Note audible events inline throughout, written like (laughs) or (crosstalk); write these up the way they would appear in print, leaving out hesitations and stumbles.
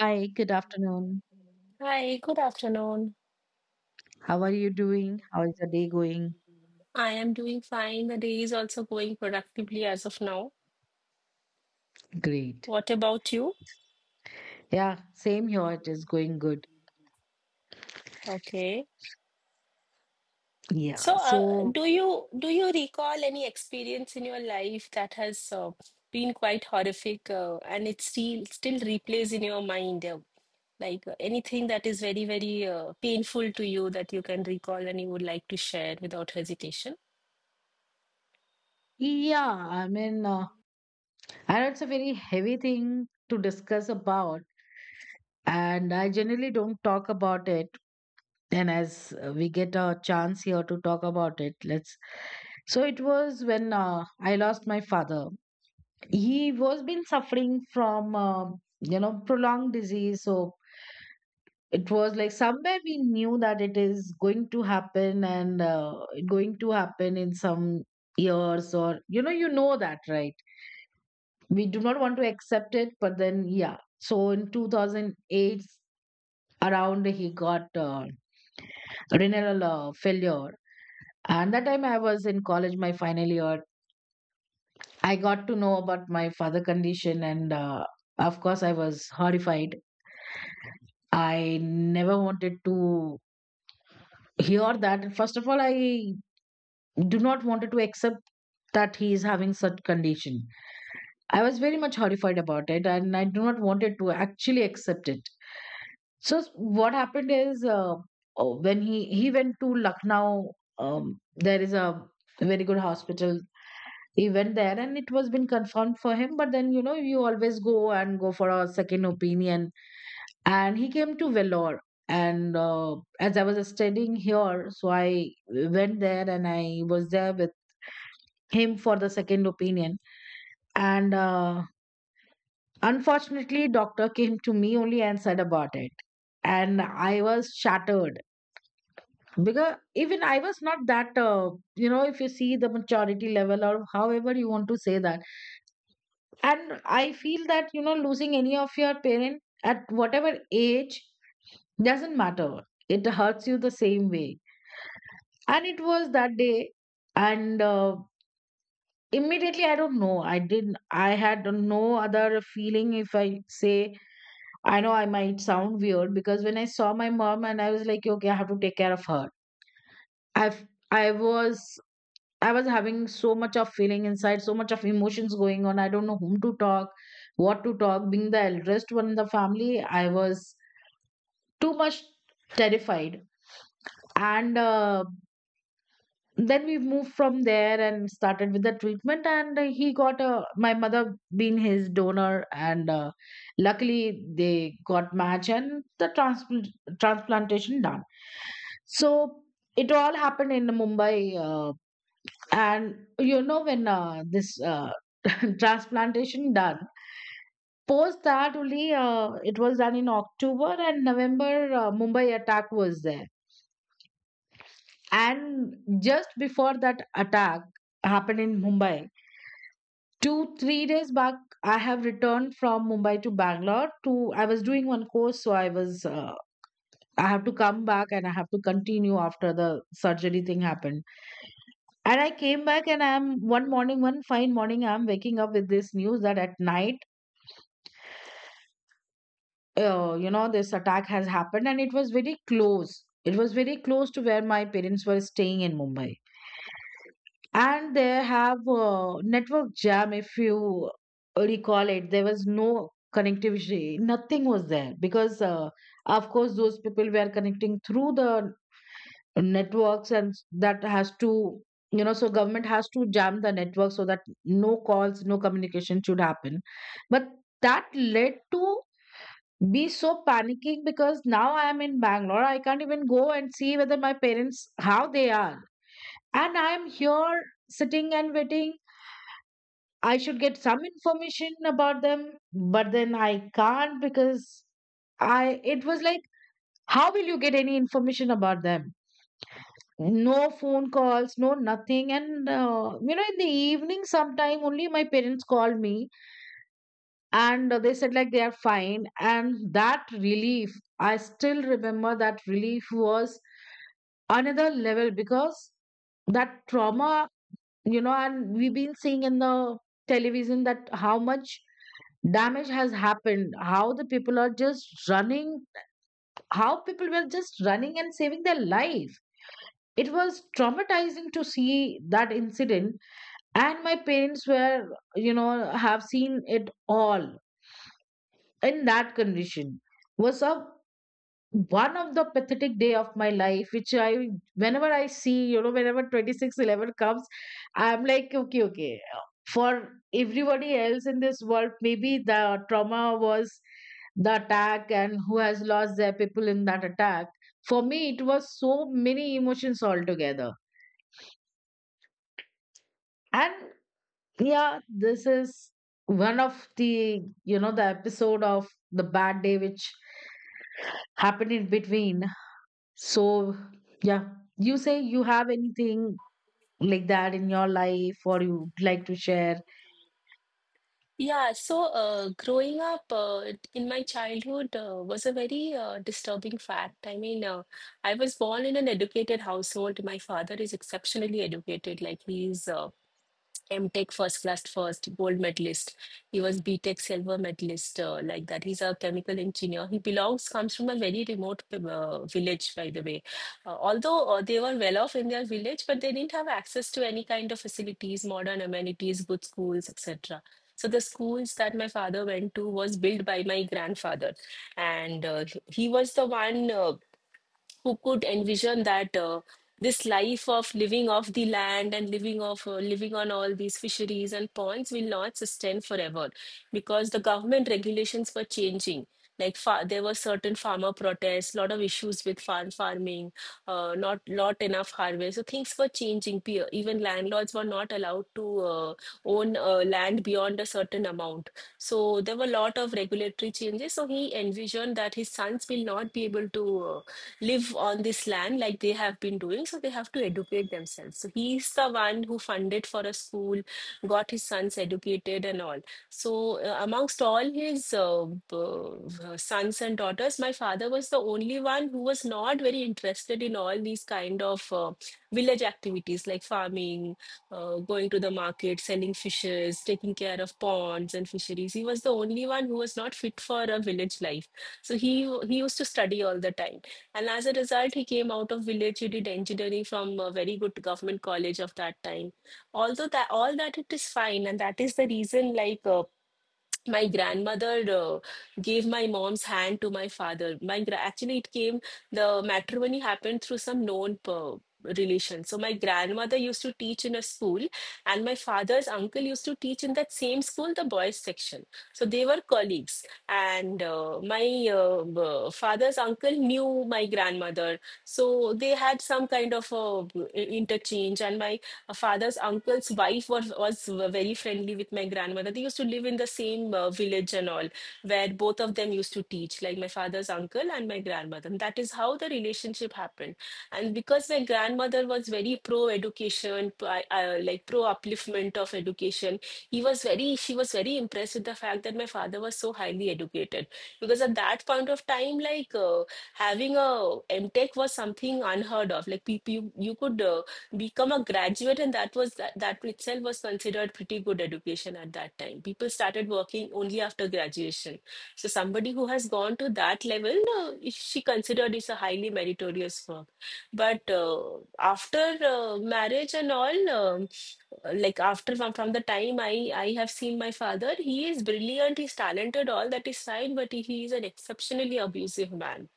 Hi, good afternoon. Hi, good afternoon. How are you doing? How is the day going? I am doing fine. The day is also going productively as of now. Great. What about you? Yeah, same here. It is going good. Okay. Yeah. So, uh, So, do you recall any experience in your life that has been quite horrific, and it still replays in your mind, like anything that is very, very painful to you that you can recall and you would like to share without hesitation? yeah, I mean, I know it's a very heavy thing to discuss about, and I generally don't talk about it. And as we get a chance here to talk about it, let's. So, it was when I lost my father. He was been suffering from, prolonged disease. So, it was like somewhere we knew that it is going to happen, and going to happen in some years, or you know that, right? We do not want to accept it, but then yeah, so in 2008 around he got renal failure. And that time I was in college, my final year. I got to know about my father condition, and of course I was horrified. I never wanted to hear that. First of all, I do not wanted to accept that he is having such condition. I was very much horrified about it, and I do not wanted to actually accept it. So what happened is, oh, when he went to Lucknow. There is a very good hospital. He went there and it was been confirmed for him, but then you know you always go and go for a second opinion. And he came to Vellore. And as I was studying here, so I went there and I was there with him for the second opinion. And unfortunately, doctor came to me only and said about it. And I was shattered because even I was not that, you know, if you see the maturity level or however you want to say that. And I feel that, you know, losing any of your parent at whatever age doesn't matter. It hurts you the same way. And it was that day. And immediately I don't know, I didn't, I had no other feeling if I say. I know I might sound weird, because when I saw my mom and I was like okay, I have to take care of her. I i was i was having so much of feeling inside, so much of emotions going on, I don't know whom to talk, what to talk, being the eldest one in the family. I was too much terrified. And then we moved from there and started with the treatment. And he got a, my mother being his donor. And luckily they got match, and the transplantation done. So it all happened in Mumbai. uh, and you know when this (laughs) transplantation done, post that only it was done in October and November. Mumbai attack was there. And just before that attack happened in Mumbai, two three days back, I have returned from Mumbai to Bangalore to, I was doing one course, so I was, I have to come back and I have to continue after the surgery thing happened. And I came back, and I'm, one morning, one fine morning I'm waking up with this news that at night, you know, this attack has happened. And it was very close, it was very close to where my parents were staying in Mumbai. And they have a network jam, if you recall it, there was no connectivity, nothing was there because of course those people were connecting through the networks and that has to, you know, so government has to jam the network so that no calls, no communication should happen. But that led to be so panicking because now I am in Bangalore, I can't even go and see whether my parents, how they are. And I am here sitting and waiting. I should get some information about them, but then I can't because I, it was like, how will you get any information about them? No phone calls, no nothing. And you know, in the evening sometime only my parents called me. And they said like they are fine, and that relief, I still remember that relief was another level. Because that trauma, you know, and we've been seeing in the television that how much damage has happened, how the people are just running, how people were just running and saving their life. It was traumatizing to see that incident. And my parents were, you know, have seen it all in that condition. Was up one of the pathetic day of my life, which I, whenever I see, you know, whenever 2611 comes, I'm like okay, okay. For everybody else in this world, maybe the trauma was the attack and who has lost their people in that attack. For me, it was so many emotions altogether. And yeah, this is one of the, you know, the episode of the bad day which happened in between. So, yeah, you say you have anything like that in your life or you'd like to share? Yeah, so growing up in my childhood was a very disturbing fact. I was born in an educated household. My father is exceptionally educated, like he's MTech first class first gold medalist. He was BTech silver medalist like that. He's a chemical engineer. He belongs comes from a very remote village, by the way. Although they were well off in their village, but they didn't have access to any kind of facilities, modern amenities, good schools, etc. So the schools that my father went to was built by my grandfather, and he was the one. Who could envision that this life of living off the land and living on all these fisheries and ponds will not sustain forever because the government regulations were changing like there were certain farmer protests, lot of issues with farming, not enough harvest, so things were changing. Even landlords were not allowed to uh, own land beyond a certain amount. So there were a lot of regulatory changes, so he envisioned that his sons will not be able to live on this land like they have been doing. So they have to educate themselves. So he's the one who funded for a school, got his sons educated and all. So amongst all his sons and daughters, my father was the only one who was not very interested in all these kind of village activities like farming, going to the market, selling fishes, taking care of ponds and fisheries. He was the only one who was not fit for a village life. So he used to study all the time. And as a result, he came out of village. He did engineering from a very good government college of that time. Although that all that it is fine, and that is the reason, like my grandmother gave my mom's hand to my father. Actually, it came the matrimony happened through some known relation. So my grandmother used to teach in a school, and my father's uncle used to teach in that same school, the boys section. So they were colleagues, and father's uncle knew my grandmother, so they had some kind of interchange. And my a father's uncle's wife was very friendly with my grandmother. They used to live in the same village and all, where both of them used to teach, like my father's uncle and my grandmother. And that is how the relationship happened. And because my grandmother was very pro education, like pro upliftment of education, she was very impressed with the fact that my father was so highly educated. Because at that point of time, having a MTech was something unheard of. Like you could become a graduate, and that was that. That itself was considered pretty good education. At that time people started working only after graduation, so somebody who has gone to that level she considered is a highly meritorious work. But after marriage and all, from the time I have seen my father, he is brilliant, he's talented, all that is fine, but he is an exceptionally abusive man.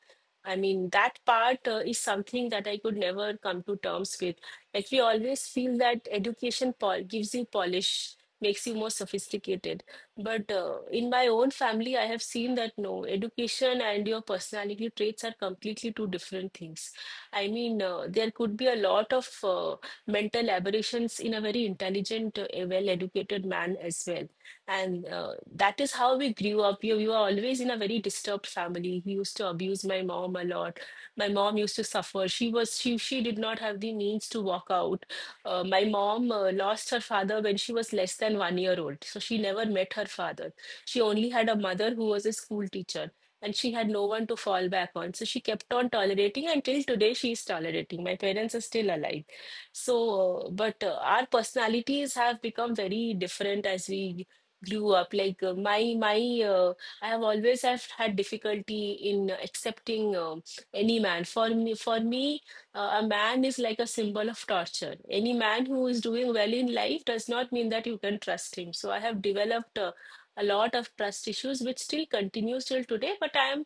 I mean, that part is something that I could never come to terms with. Like, we always feel that education pol gives you polish, makes you more sophisticated. But in my own family, I have seen that no, education and your personality traits are completely two different things. There could be a lot of mental aberrations in a very intelligent, well-educated man as well. And that is how we grew up. We were always in a very disturbed family. He used to abuse my mom a lot. My mom used to suffer. She was she did not have the means to walk out. My mom lost her father when she was less than 1 year old, so she never met her father. She only had a mother who was a school teacher, and she had no one to fall back on. So she kept on tolerating. Until today she is tolerating. My parents are still alive. So, but our personalities have become very different as we grew up. Like uh, my my uh, i have always have had difficulty in accepting any man. For me a man is like a symbol of torture. Any man who is doing well in life does not mean that you can trust him. So I have developed a lot of trust issues which still continues till today, but I am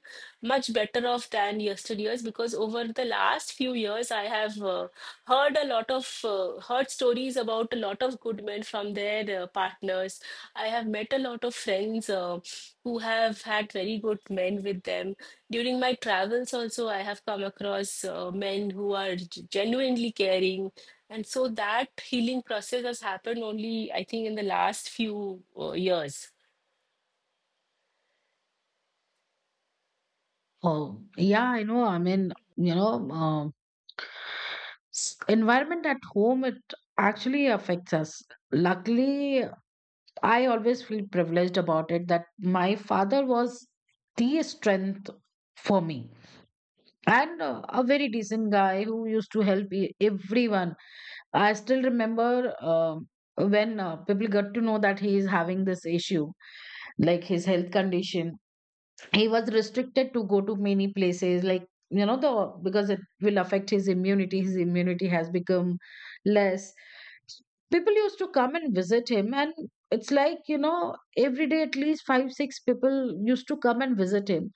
much better off than yesteryears, because over the last few years I have heard stories about a lot of good men from their partners. I have met a lot of friends who have had very good men with them. During my travels, also, I have come across men who are genuinely caring. And so that healing process has happened only, I think, in the last few years. Oh, yeah, I know. I mean, you know, environment at home, it actually affects us. Luckily, I always feel privileged about it that my father was the strength for me. And a very decent guy who used to help everyone. I still remember, um, when people got to know that he is having this issue, like his health condition, he was restricted to go to many places, like, you know, the, because it will affect his immunity, his immunity has become less. People used to come and visit him. And it's like, you know, every day at least five six people used to come and visit him.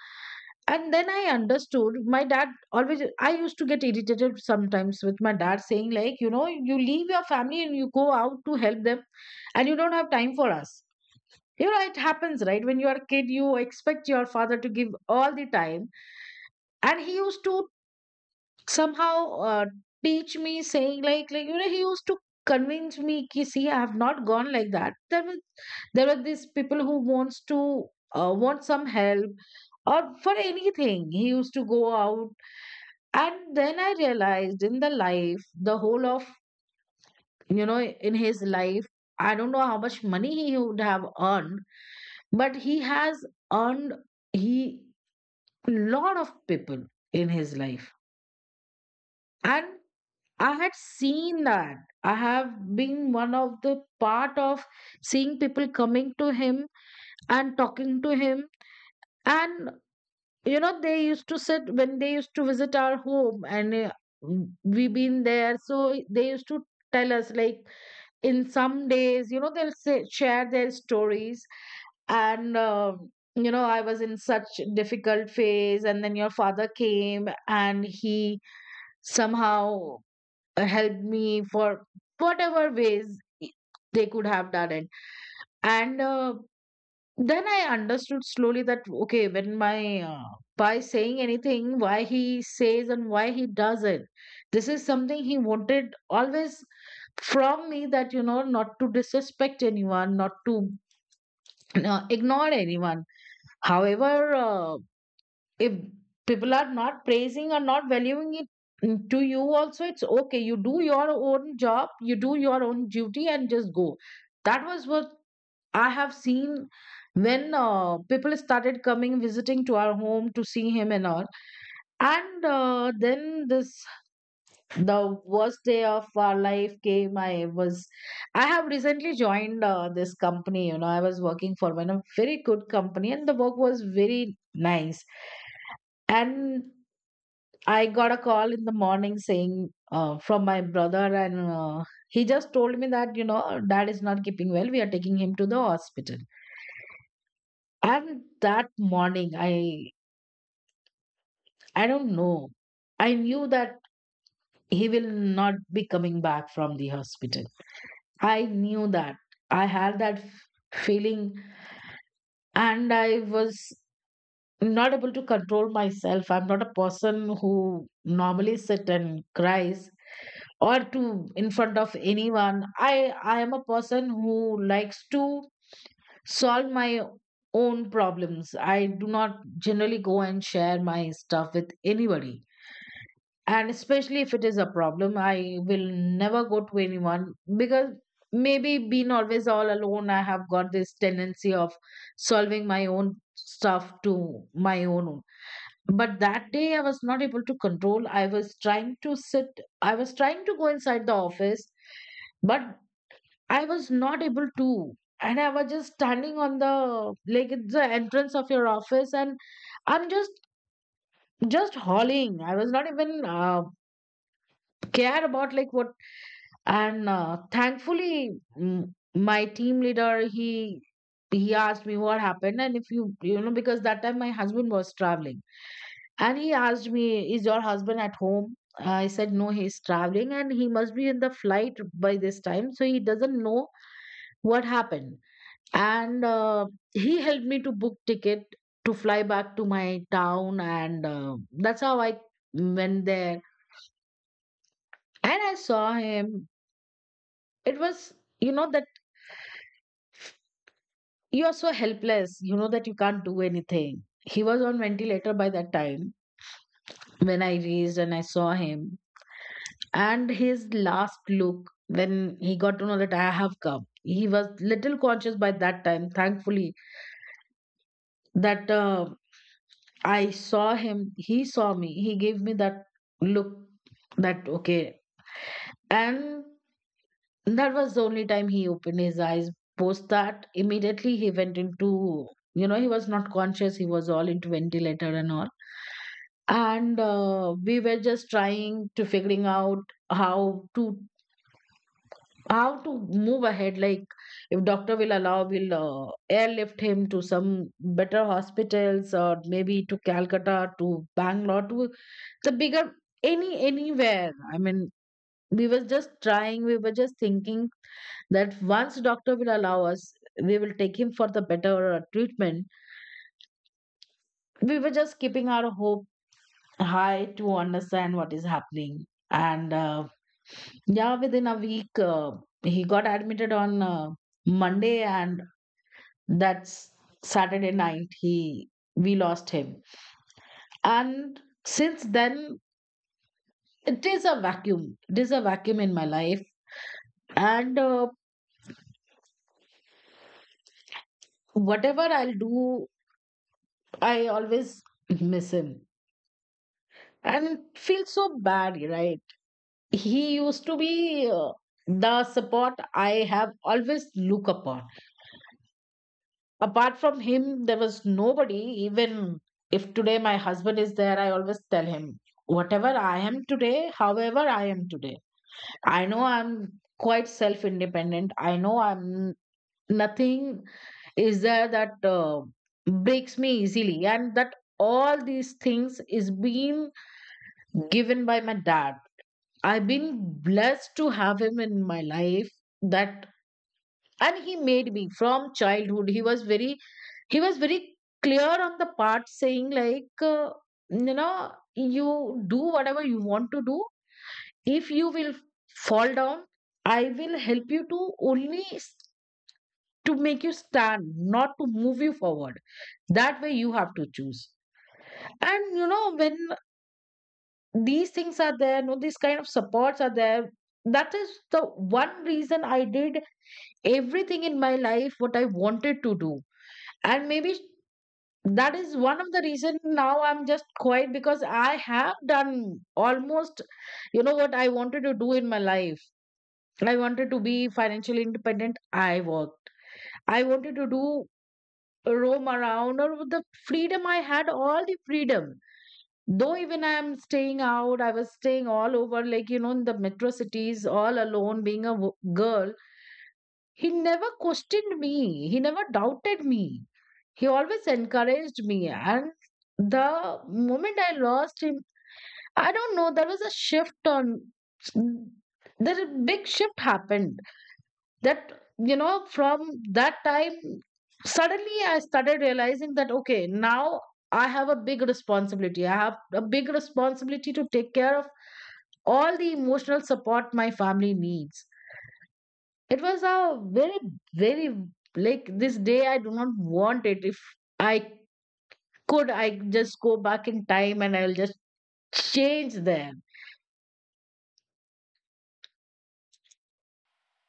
And then I understood my dad always, I used to get irritated sometimes with my dad saying like, you know, you leave your family and you go out to help them and you don't have time for us. You know, it happens, right? When you are a kid you expect your father to give all the time. And he used to somehow, uh, teach me, saying like, you know he used to convince me ki, see, I have not gone like that. There was, there were these people who wants to, want some help, or for anything he used to go out. And then I realized in the life, the whole of, you know, in his life, I don't know how much money he would have earned, but he has earned, he, lot of people in his life. And I had seen that. I have been one of the part of seeing people coming to him and talking to him. And you know, they used to sit when they used to visit our home. And we been there, so they used to tell us like, in some days, you know, they'll say, share their stories. And you know, I was in such difficult phase, and then your father came and he somehow helped me for whatever ways they could have done it. And then I understood slowly that okay, when my, by saying anything, why he says and why he doesn't. This is something he wanted always from me, that you know not to disrespect anyone, not to ignore anyone. However, if people are not praising or not valuing it, mm, to you also it's okay. You do your own job, you do your own duty and just go. That was what I have seen when people started coming visiting to our home to see him and all. And then this, the worst day of our life came. I was, I have recently joined this company. You know, I was working for one a very good company, and the work was very nice. And I got a call in the morning saying, from my brother. And he just told me that, you know, dad is not keeping well. We are taking him to the hospital. And that morning, I don't know. I knew that he will not be coming back from the hospital. I knew that. I had that feeling. And I was not able to control myself. I'm not a person who normally sit and cries, or to, in front of anyone. I am a person who likes to solve my own problems. I do not generally go and share my stuff with anybody. And especially if it is a problem, I will never go to anyone because maybe being always all alone, I have got this tendency of solving my own stuff to my own. But that day I was not able to control. I was trying to sit, I was trying to go inside the office, but I was not able to. And I was just standing on the, like it's the entrance of your office, and I'm just hauling. I was not even care about like what. And thankfully, my team leader, he asked me what happened and if you you know, because that time my husband was traveling. And he asked me, is your husband at home? I said, no, he's traveling and he must be in the flight by this time, so he doesn't know what happened. And he helped me to book ticket to fly back to my town. And that's how I went there and I saw him. It was, you know, the, you are so helpless, you know, that you can't do anything. He was on ventilator by that time when I reached and I saw him. And his last look, when he got to know that I have come, he was little conscious by that time, thankfully. That I saw him, he saw me, he gave me that look, that okay. And that was the only time he opened his eyes. Post that, immediately he went into, you know, he was not conscious, he was all into ventilator and all. And we were just trying to figuring out how to how to move ahead, like if doctor will allow, we'll airlift him to some better hospitals, or maybe to Calcutta, to Bangalore, to the bigger, anywhere, I mean. We were just trying, we were just thinking that once doctor will allow us, we will take him for the better treatment. We were just keeping our hope high to understand what is happening. And yeah, within a week, he got admitted on Monday, and that's Saturday night. He, we lost him, and since then it is a vacuum. It is a vacuum in my life. And whatever I'll do, I always miss him and feel so bad, right? He used to be the support I have always look upon. Apart from him there was nobody. Even if today my husband is there, I always tell him, whatever I am today, however I am today, I know I'm quite self independent, I know I'm nothing is there that breaks me easily. And that all these things is being given by my dad. I've been blessed to have him in my life. That, and he made me, from childhood he was very, he was very clear on the part saying like, you know, you do whatever you want to do. If you will fall down, I will help you to, only s- to make you stand, not to move you forward. That way you have to choose. And you know, when these things are there, no, these kind of supports are there, that is the one reason I did everything in my life what I wanted to do. And maybe that is one of the reason now I'm just quiet, because I have done almost, you know, what I wanted to do in my life. I wanted to be financially independent, I worked. I wanted to do roam around or with the freedom, I had all the freedom. Though even I am staying out, I was staying all over, like, you know, in the metro cities all alone, being a girl. He never questioned me. He never doubted me. He always encouraged me. And the moment I lost him, I don't know, there was a shift on, mm, there a big shift happened. That, you know, from that time, suddenly I started realizing that, okay, now I have a big responsibility. I have a big responsibility to take care of all the emotional support my family needs. It was a very, very, like, this day I do not want it. If I could, I just go back in time and I'll just change them.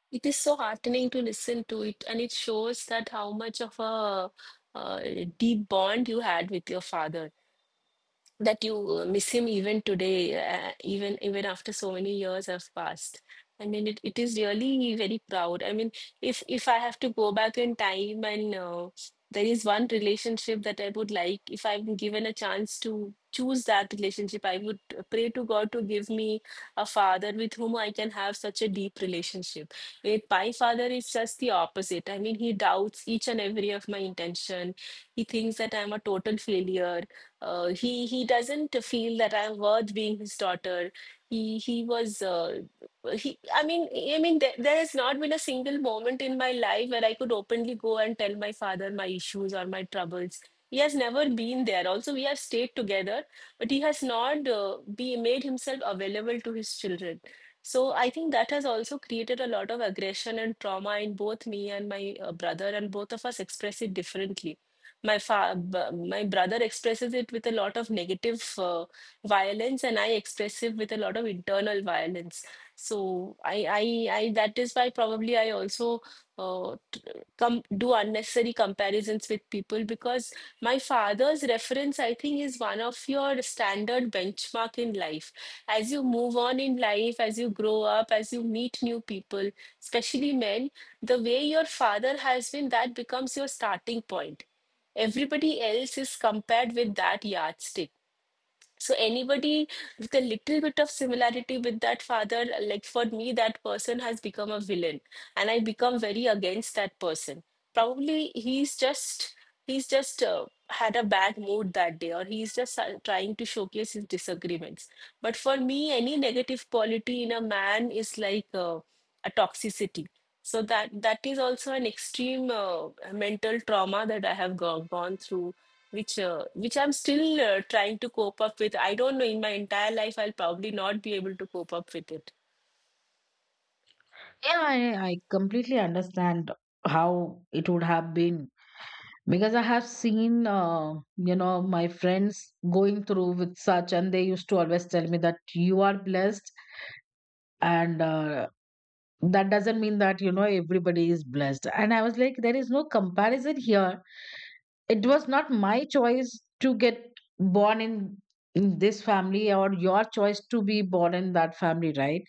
It is so heartening to listen to it, and it shows that how much of a uh, deep bond you had with your father, that you miss him even today, even after so many years have passed. I mean, it is really very proud. I mean, if I have to go back in time and there is one relationship that I would like, if I'm given a chance to choose that relationship, I would pray to God to give me a father with whom I can have such a deep relationship. With my father is just the opposite. I mean, he doubts each and every of my intention. He thinks that I'm a total failure. He doesn't feel that I'm worth being his daughter. He was he. I mean, there has not been a single moment in my life where I could openly go and tell my father my issues or my troubles. He has never been there. Also, we have stayed together, but he has not be made himself available to his children. So I think that has also created a lot of aggression and trauma in both me and my brother, and both of us express it differently. My fa b- my brother expresses it with a lot of negative violence, and I express it with a lot of internal violence. So I that is why probably I also uh, com do unnecessary comparisons with people, because my father's reference, I think, is one of your standard benchmark in life. As you move on in life, as you grow up, as you meet new people, especially men, the way your father has been, that becomes your starting point. Everybody else is compared with that yardstick, so anybody with a little bit of similarity with that father, like for me, that person has become a villain, and I become very against that person. Probably he's just had a bad mood that day, or he's just trying to showcase his disagreements. But for me any negative quality in a man is like a toxicity. So that is also an extreme mental trauma that I have gone through, which I'm still trying to cope up with. I don't know, in my entire life I'll probably not be able to cope up with it. Yeah, I completely understand how it would have been, because I have seen, you know, my friends going through with such, and they used to always tell me that you are blessed. And that doesn't mean that, you know, everybody is blessed. And I was like, there is no comparison here. It was not my choice to get born in this family, or your choice to be born in that family, right?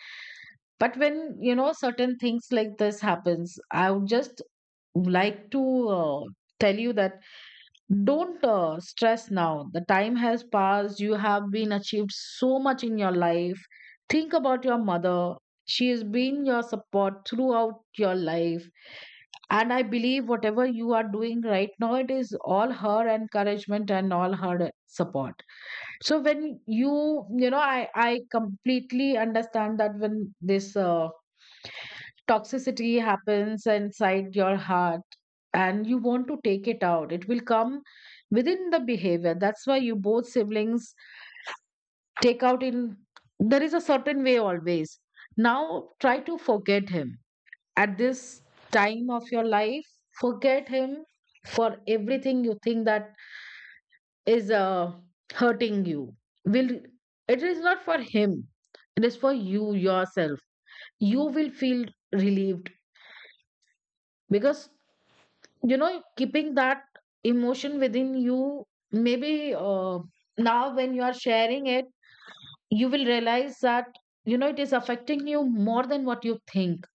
But when you know certain things like this happens, I would just like to uh, tell you that, don't stress now. The time has passed, you have been achieved so much in your life. Think about your mother, she has been your support throughout your life. And I believe whatever you are doing right now, it is all her encouragement and all her support. So when you know, I completely understand that when this toxicity happens inside your heart and you want to take it out, it will come within the behavior. That's why you both siblings take out in there is a certain way always. Now try to forget him at this time of your life. Forget him. For everything you think that is hurting you, will, it is not for him, it is for you yourself. You will feel relieved. Because, you know, keeping that emotion within you, maybe now when you are sharing it, you will realize that, you know, it is affecting you more than what you think.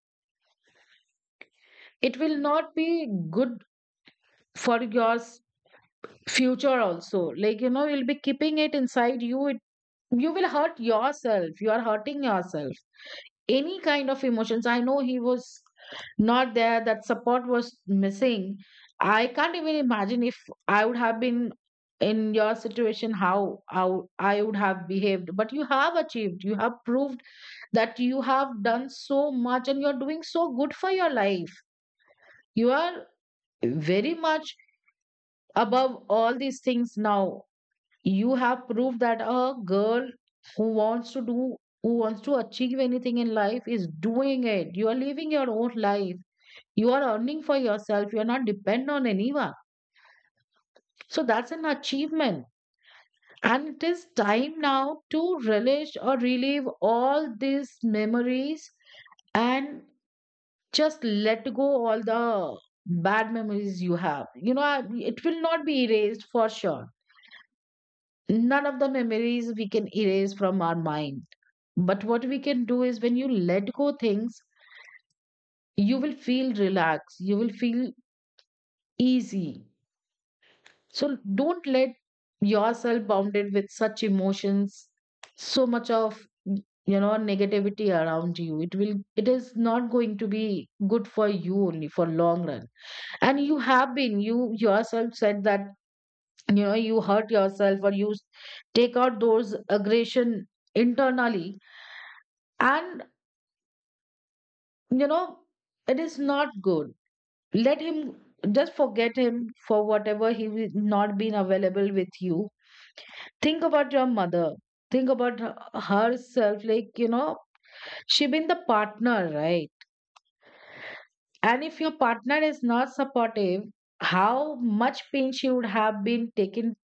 It will not be good for yours future also. Like, you know, you'll be keeping it inside you, it, you will hurt yourself, you are hurting yourself. Any kind of emotions, I know he was not there, that support was missing. I can't even imagine if I would have been in your situation, how I would have behaved. But you have achieved, you have proved that you have done so much and you're doing so good for your life. You are very much above all these things now. You have proved that a girl who wants to do, who wants to achieve anything in life, is doing it. You are living your own life, you are earning for yourself, you are not dependent on anyone. So that's an achievement. And it is time now to relish or relive all these memories. And just let go all the bad memories you have. You know, it will not be erased for sure. None of the memories we can erase from our mind. But what we can do is when you let go things, you will feel relaxed, you will feel easy. So don't let yourself bounded with such emotions, so much of, you know, negativity around you. It will, it is not going to be good for you only for long run. And you have been, you yourself said that, you know, you hurt yourself, or you take out those aggression internally. And, you know, it is not good. Let him, just forget him, for whatever he will not been available with you. Think about your mother. Think about herself, like, you know, she been the partner, right? And if your partner is not supportive, how much pain she would have been taken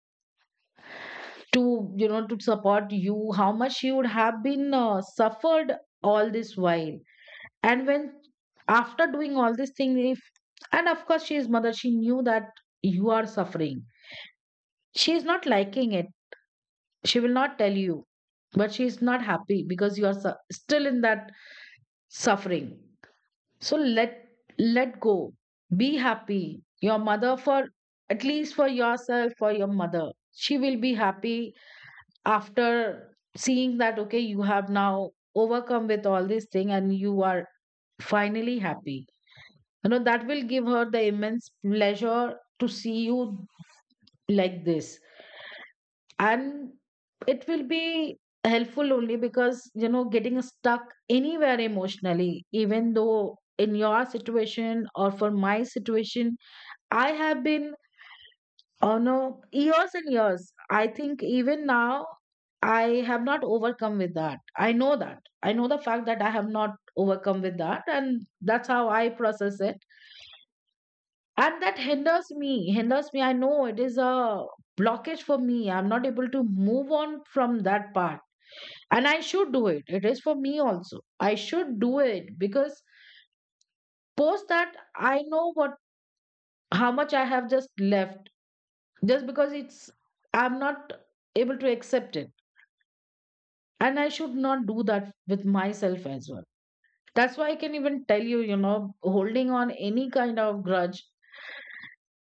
to, you know, to support you, how much she would have been suffered all this while. And when after doing all these things, if, and of course she is mother, she knew that you are suffering. She is not liking it, she will not tell you. But she is not happy because you are still in that suffering. So let, let go, be happy. Your mother, for at least for yourself, for your mother, she will be happy after seeing that, okay, you have now overcome with all this thing and you are finally happy. You know, that will give her the immense pleasure to see you like this. And it will be helpful only. Because, you know, getting stuck anywhere emotionally, even though in your situation or for my situation, I have been, oh no, years and years, I think even now I have not overcome with that. I know that, I know the fact that I have not overcome with that, and that's how I process it. And that hinders me, hinders me. I know it is a blockage for me, I'm not able to move on from that part. And I should do it, it is for me also, I should do it. Because post that, I know what, how much I have just left, just because it's, I'm not able to accept it. And I should not do that with myself as well. That's why I can even tell you, you know, holding on any kind of grudge.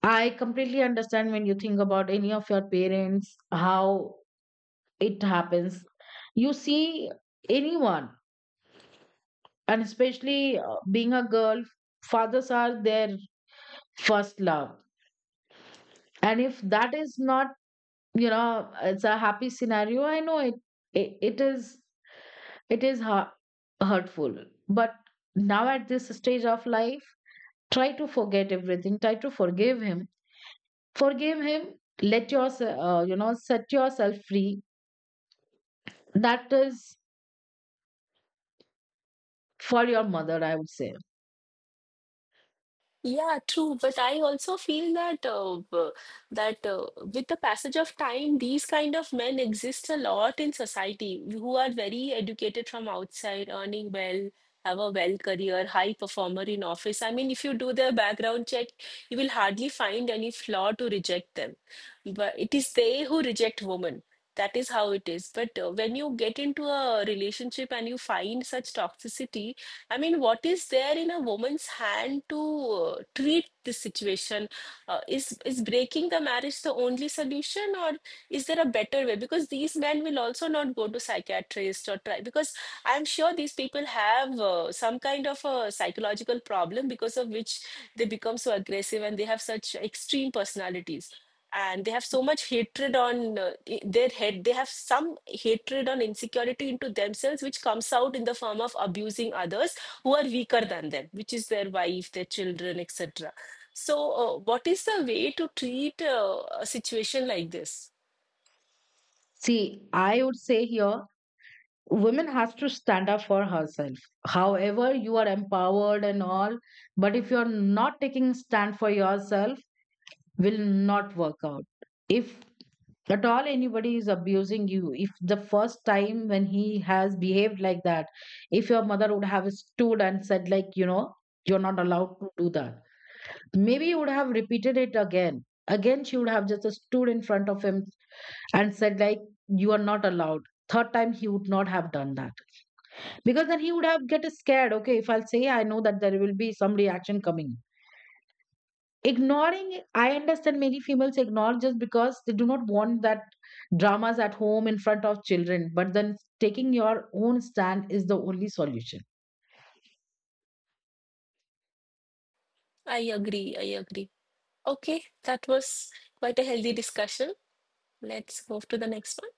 I completely understand when you think about any of your parents, how it happens. You see anyone, and especially being a girl, fathers are their first love. And if that is not, you know, it's a happy scenario, I know it. It is, it is hurtful. But now at this stage of life, try to forget everything, try to forgive him. Forgive him. Let yourself, you know, set yourself free. That is for your mother, I would say. Yeah, true. But I also feel that with the passage of time, these kind of men exist a lot in society, who are very educated from outside, earning well, have a well career, high performer in office. I mean, if you do their background check, you will hardly find any flaw to reject them. But it is they who reject women. That is how it is. But when you get into a relationship and you find such toxicity, I mean, what is there in a woman's hand to treat this situation? Is breaking the marriage the only solution, or is there a better way? Because these men will also not go to psychiatrist or try. Because I'm sure these people have some kind of a psychological problem because of which they become so aggressive and they have such extreme personalities. And they have so much hatred on their head. They have some hatred on insecurity into themselves, which comes out in the form of abusing others who are weaker than them, which is their wife, their children, etc. So, what is the way to treat a situation like this? See, I would say here, women has to stand up for herself. However you are empowered and all, but if you are not taking stand for yourself, will not work out. If at all anybody is abusing you, if the first time when he has behaved like that, if your mother would have stood and said like, you know, you're not allowed to do that, maybe you would have repeated it again again, she would have just stood in front of him and said like, you are not allowed. Third time he would not have done that. Because then he would have get scared. Okay, if I'll say, I know that there will be some reaction coming. Ignoring, I understand many females ignore just because they do not want that dramas at home in front of children. But then taking your own stand is the only solution. I agree. I agree. Okay, that was quite a healthy discussion. Let's move to the next one.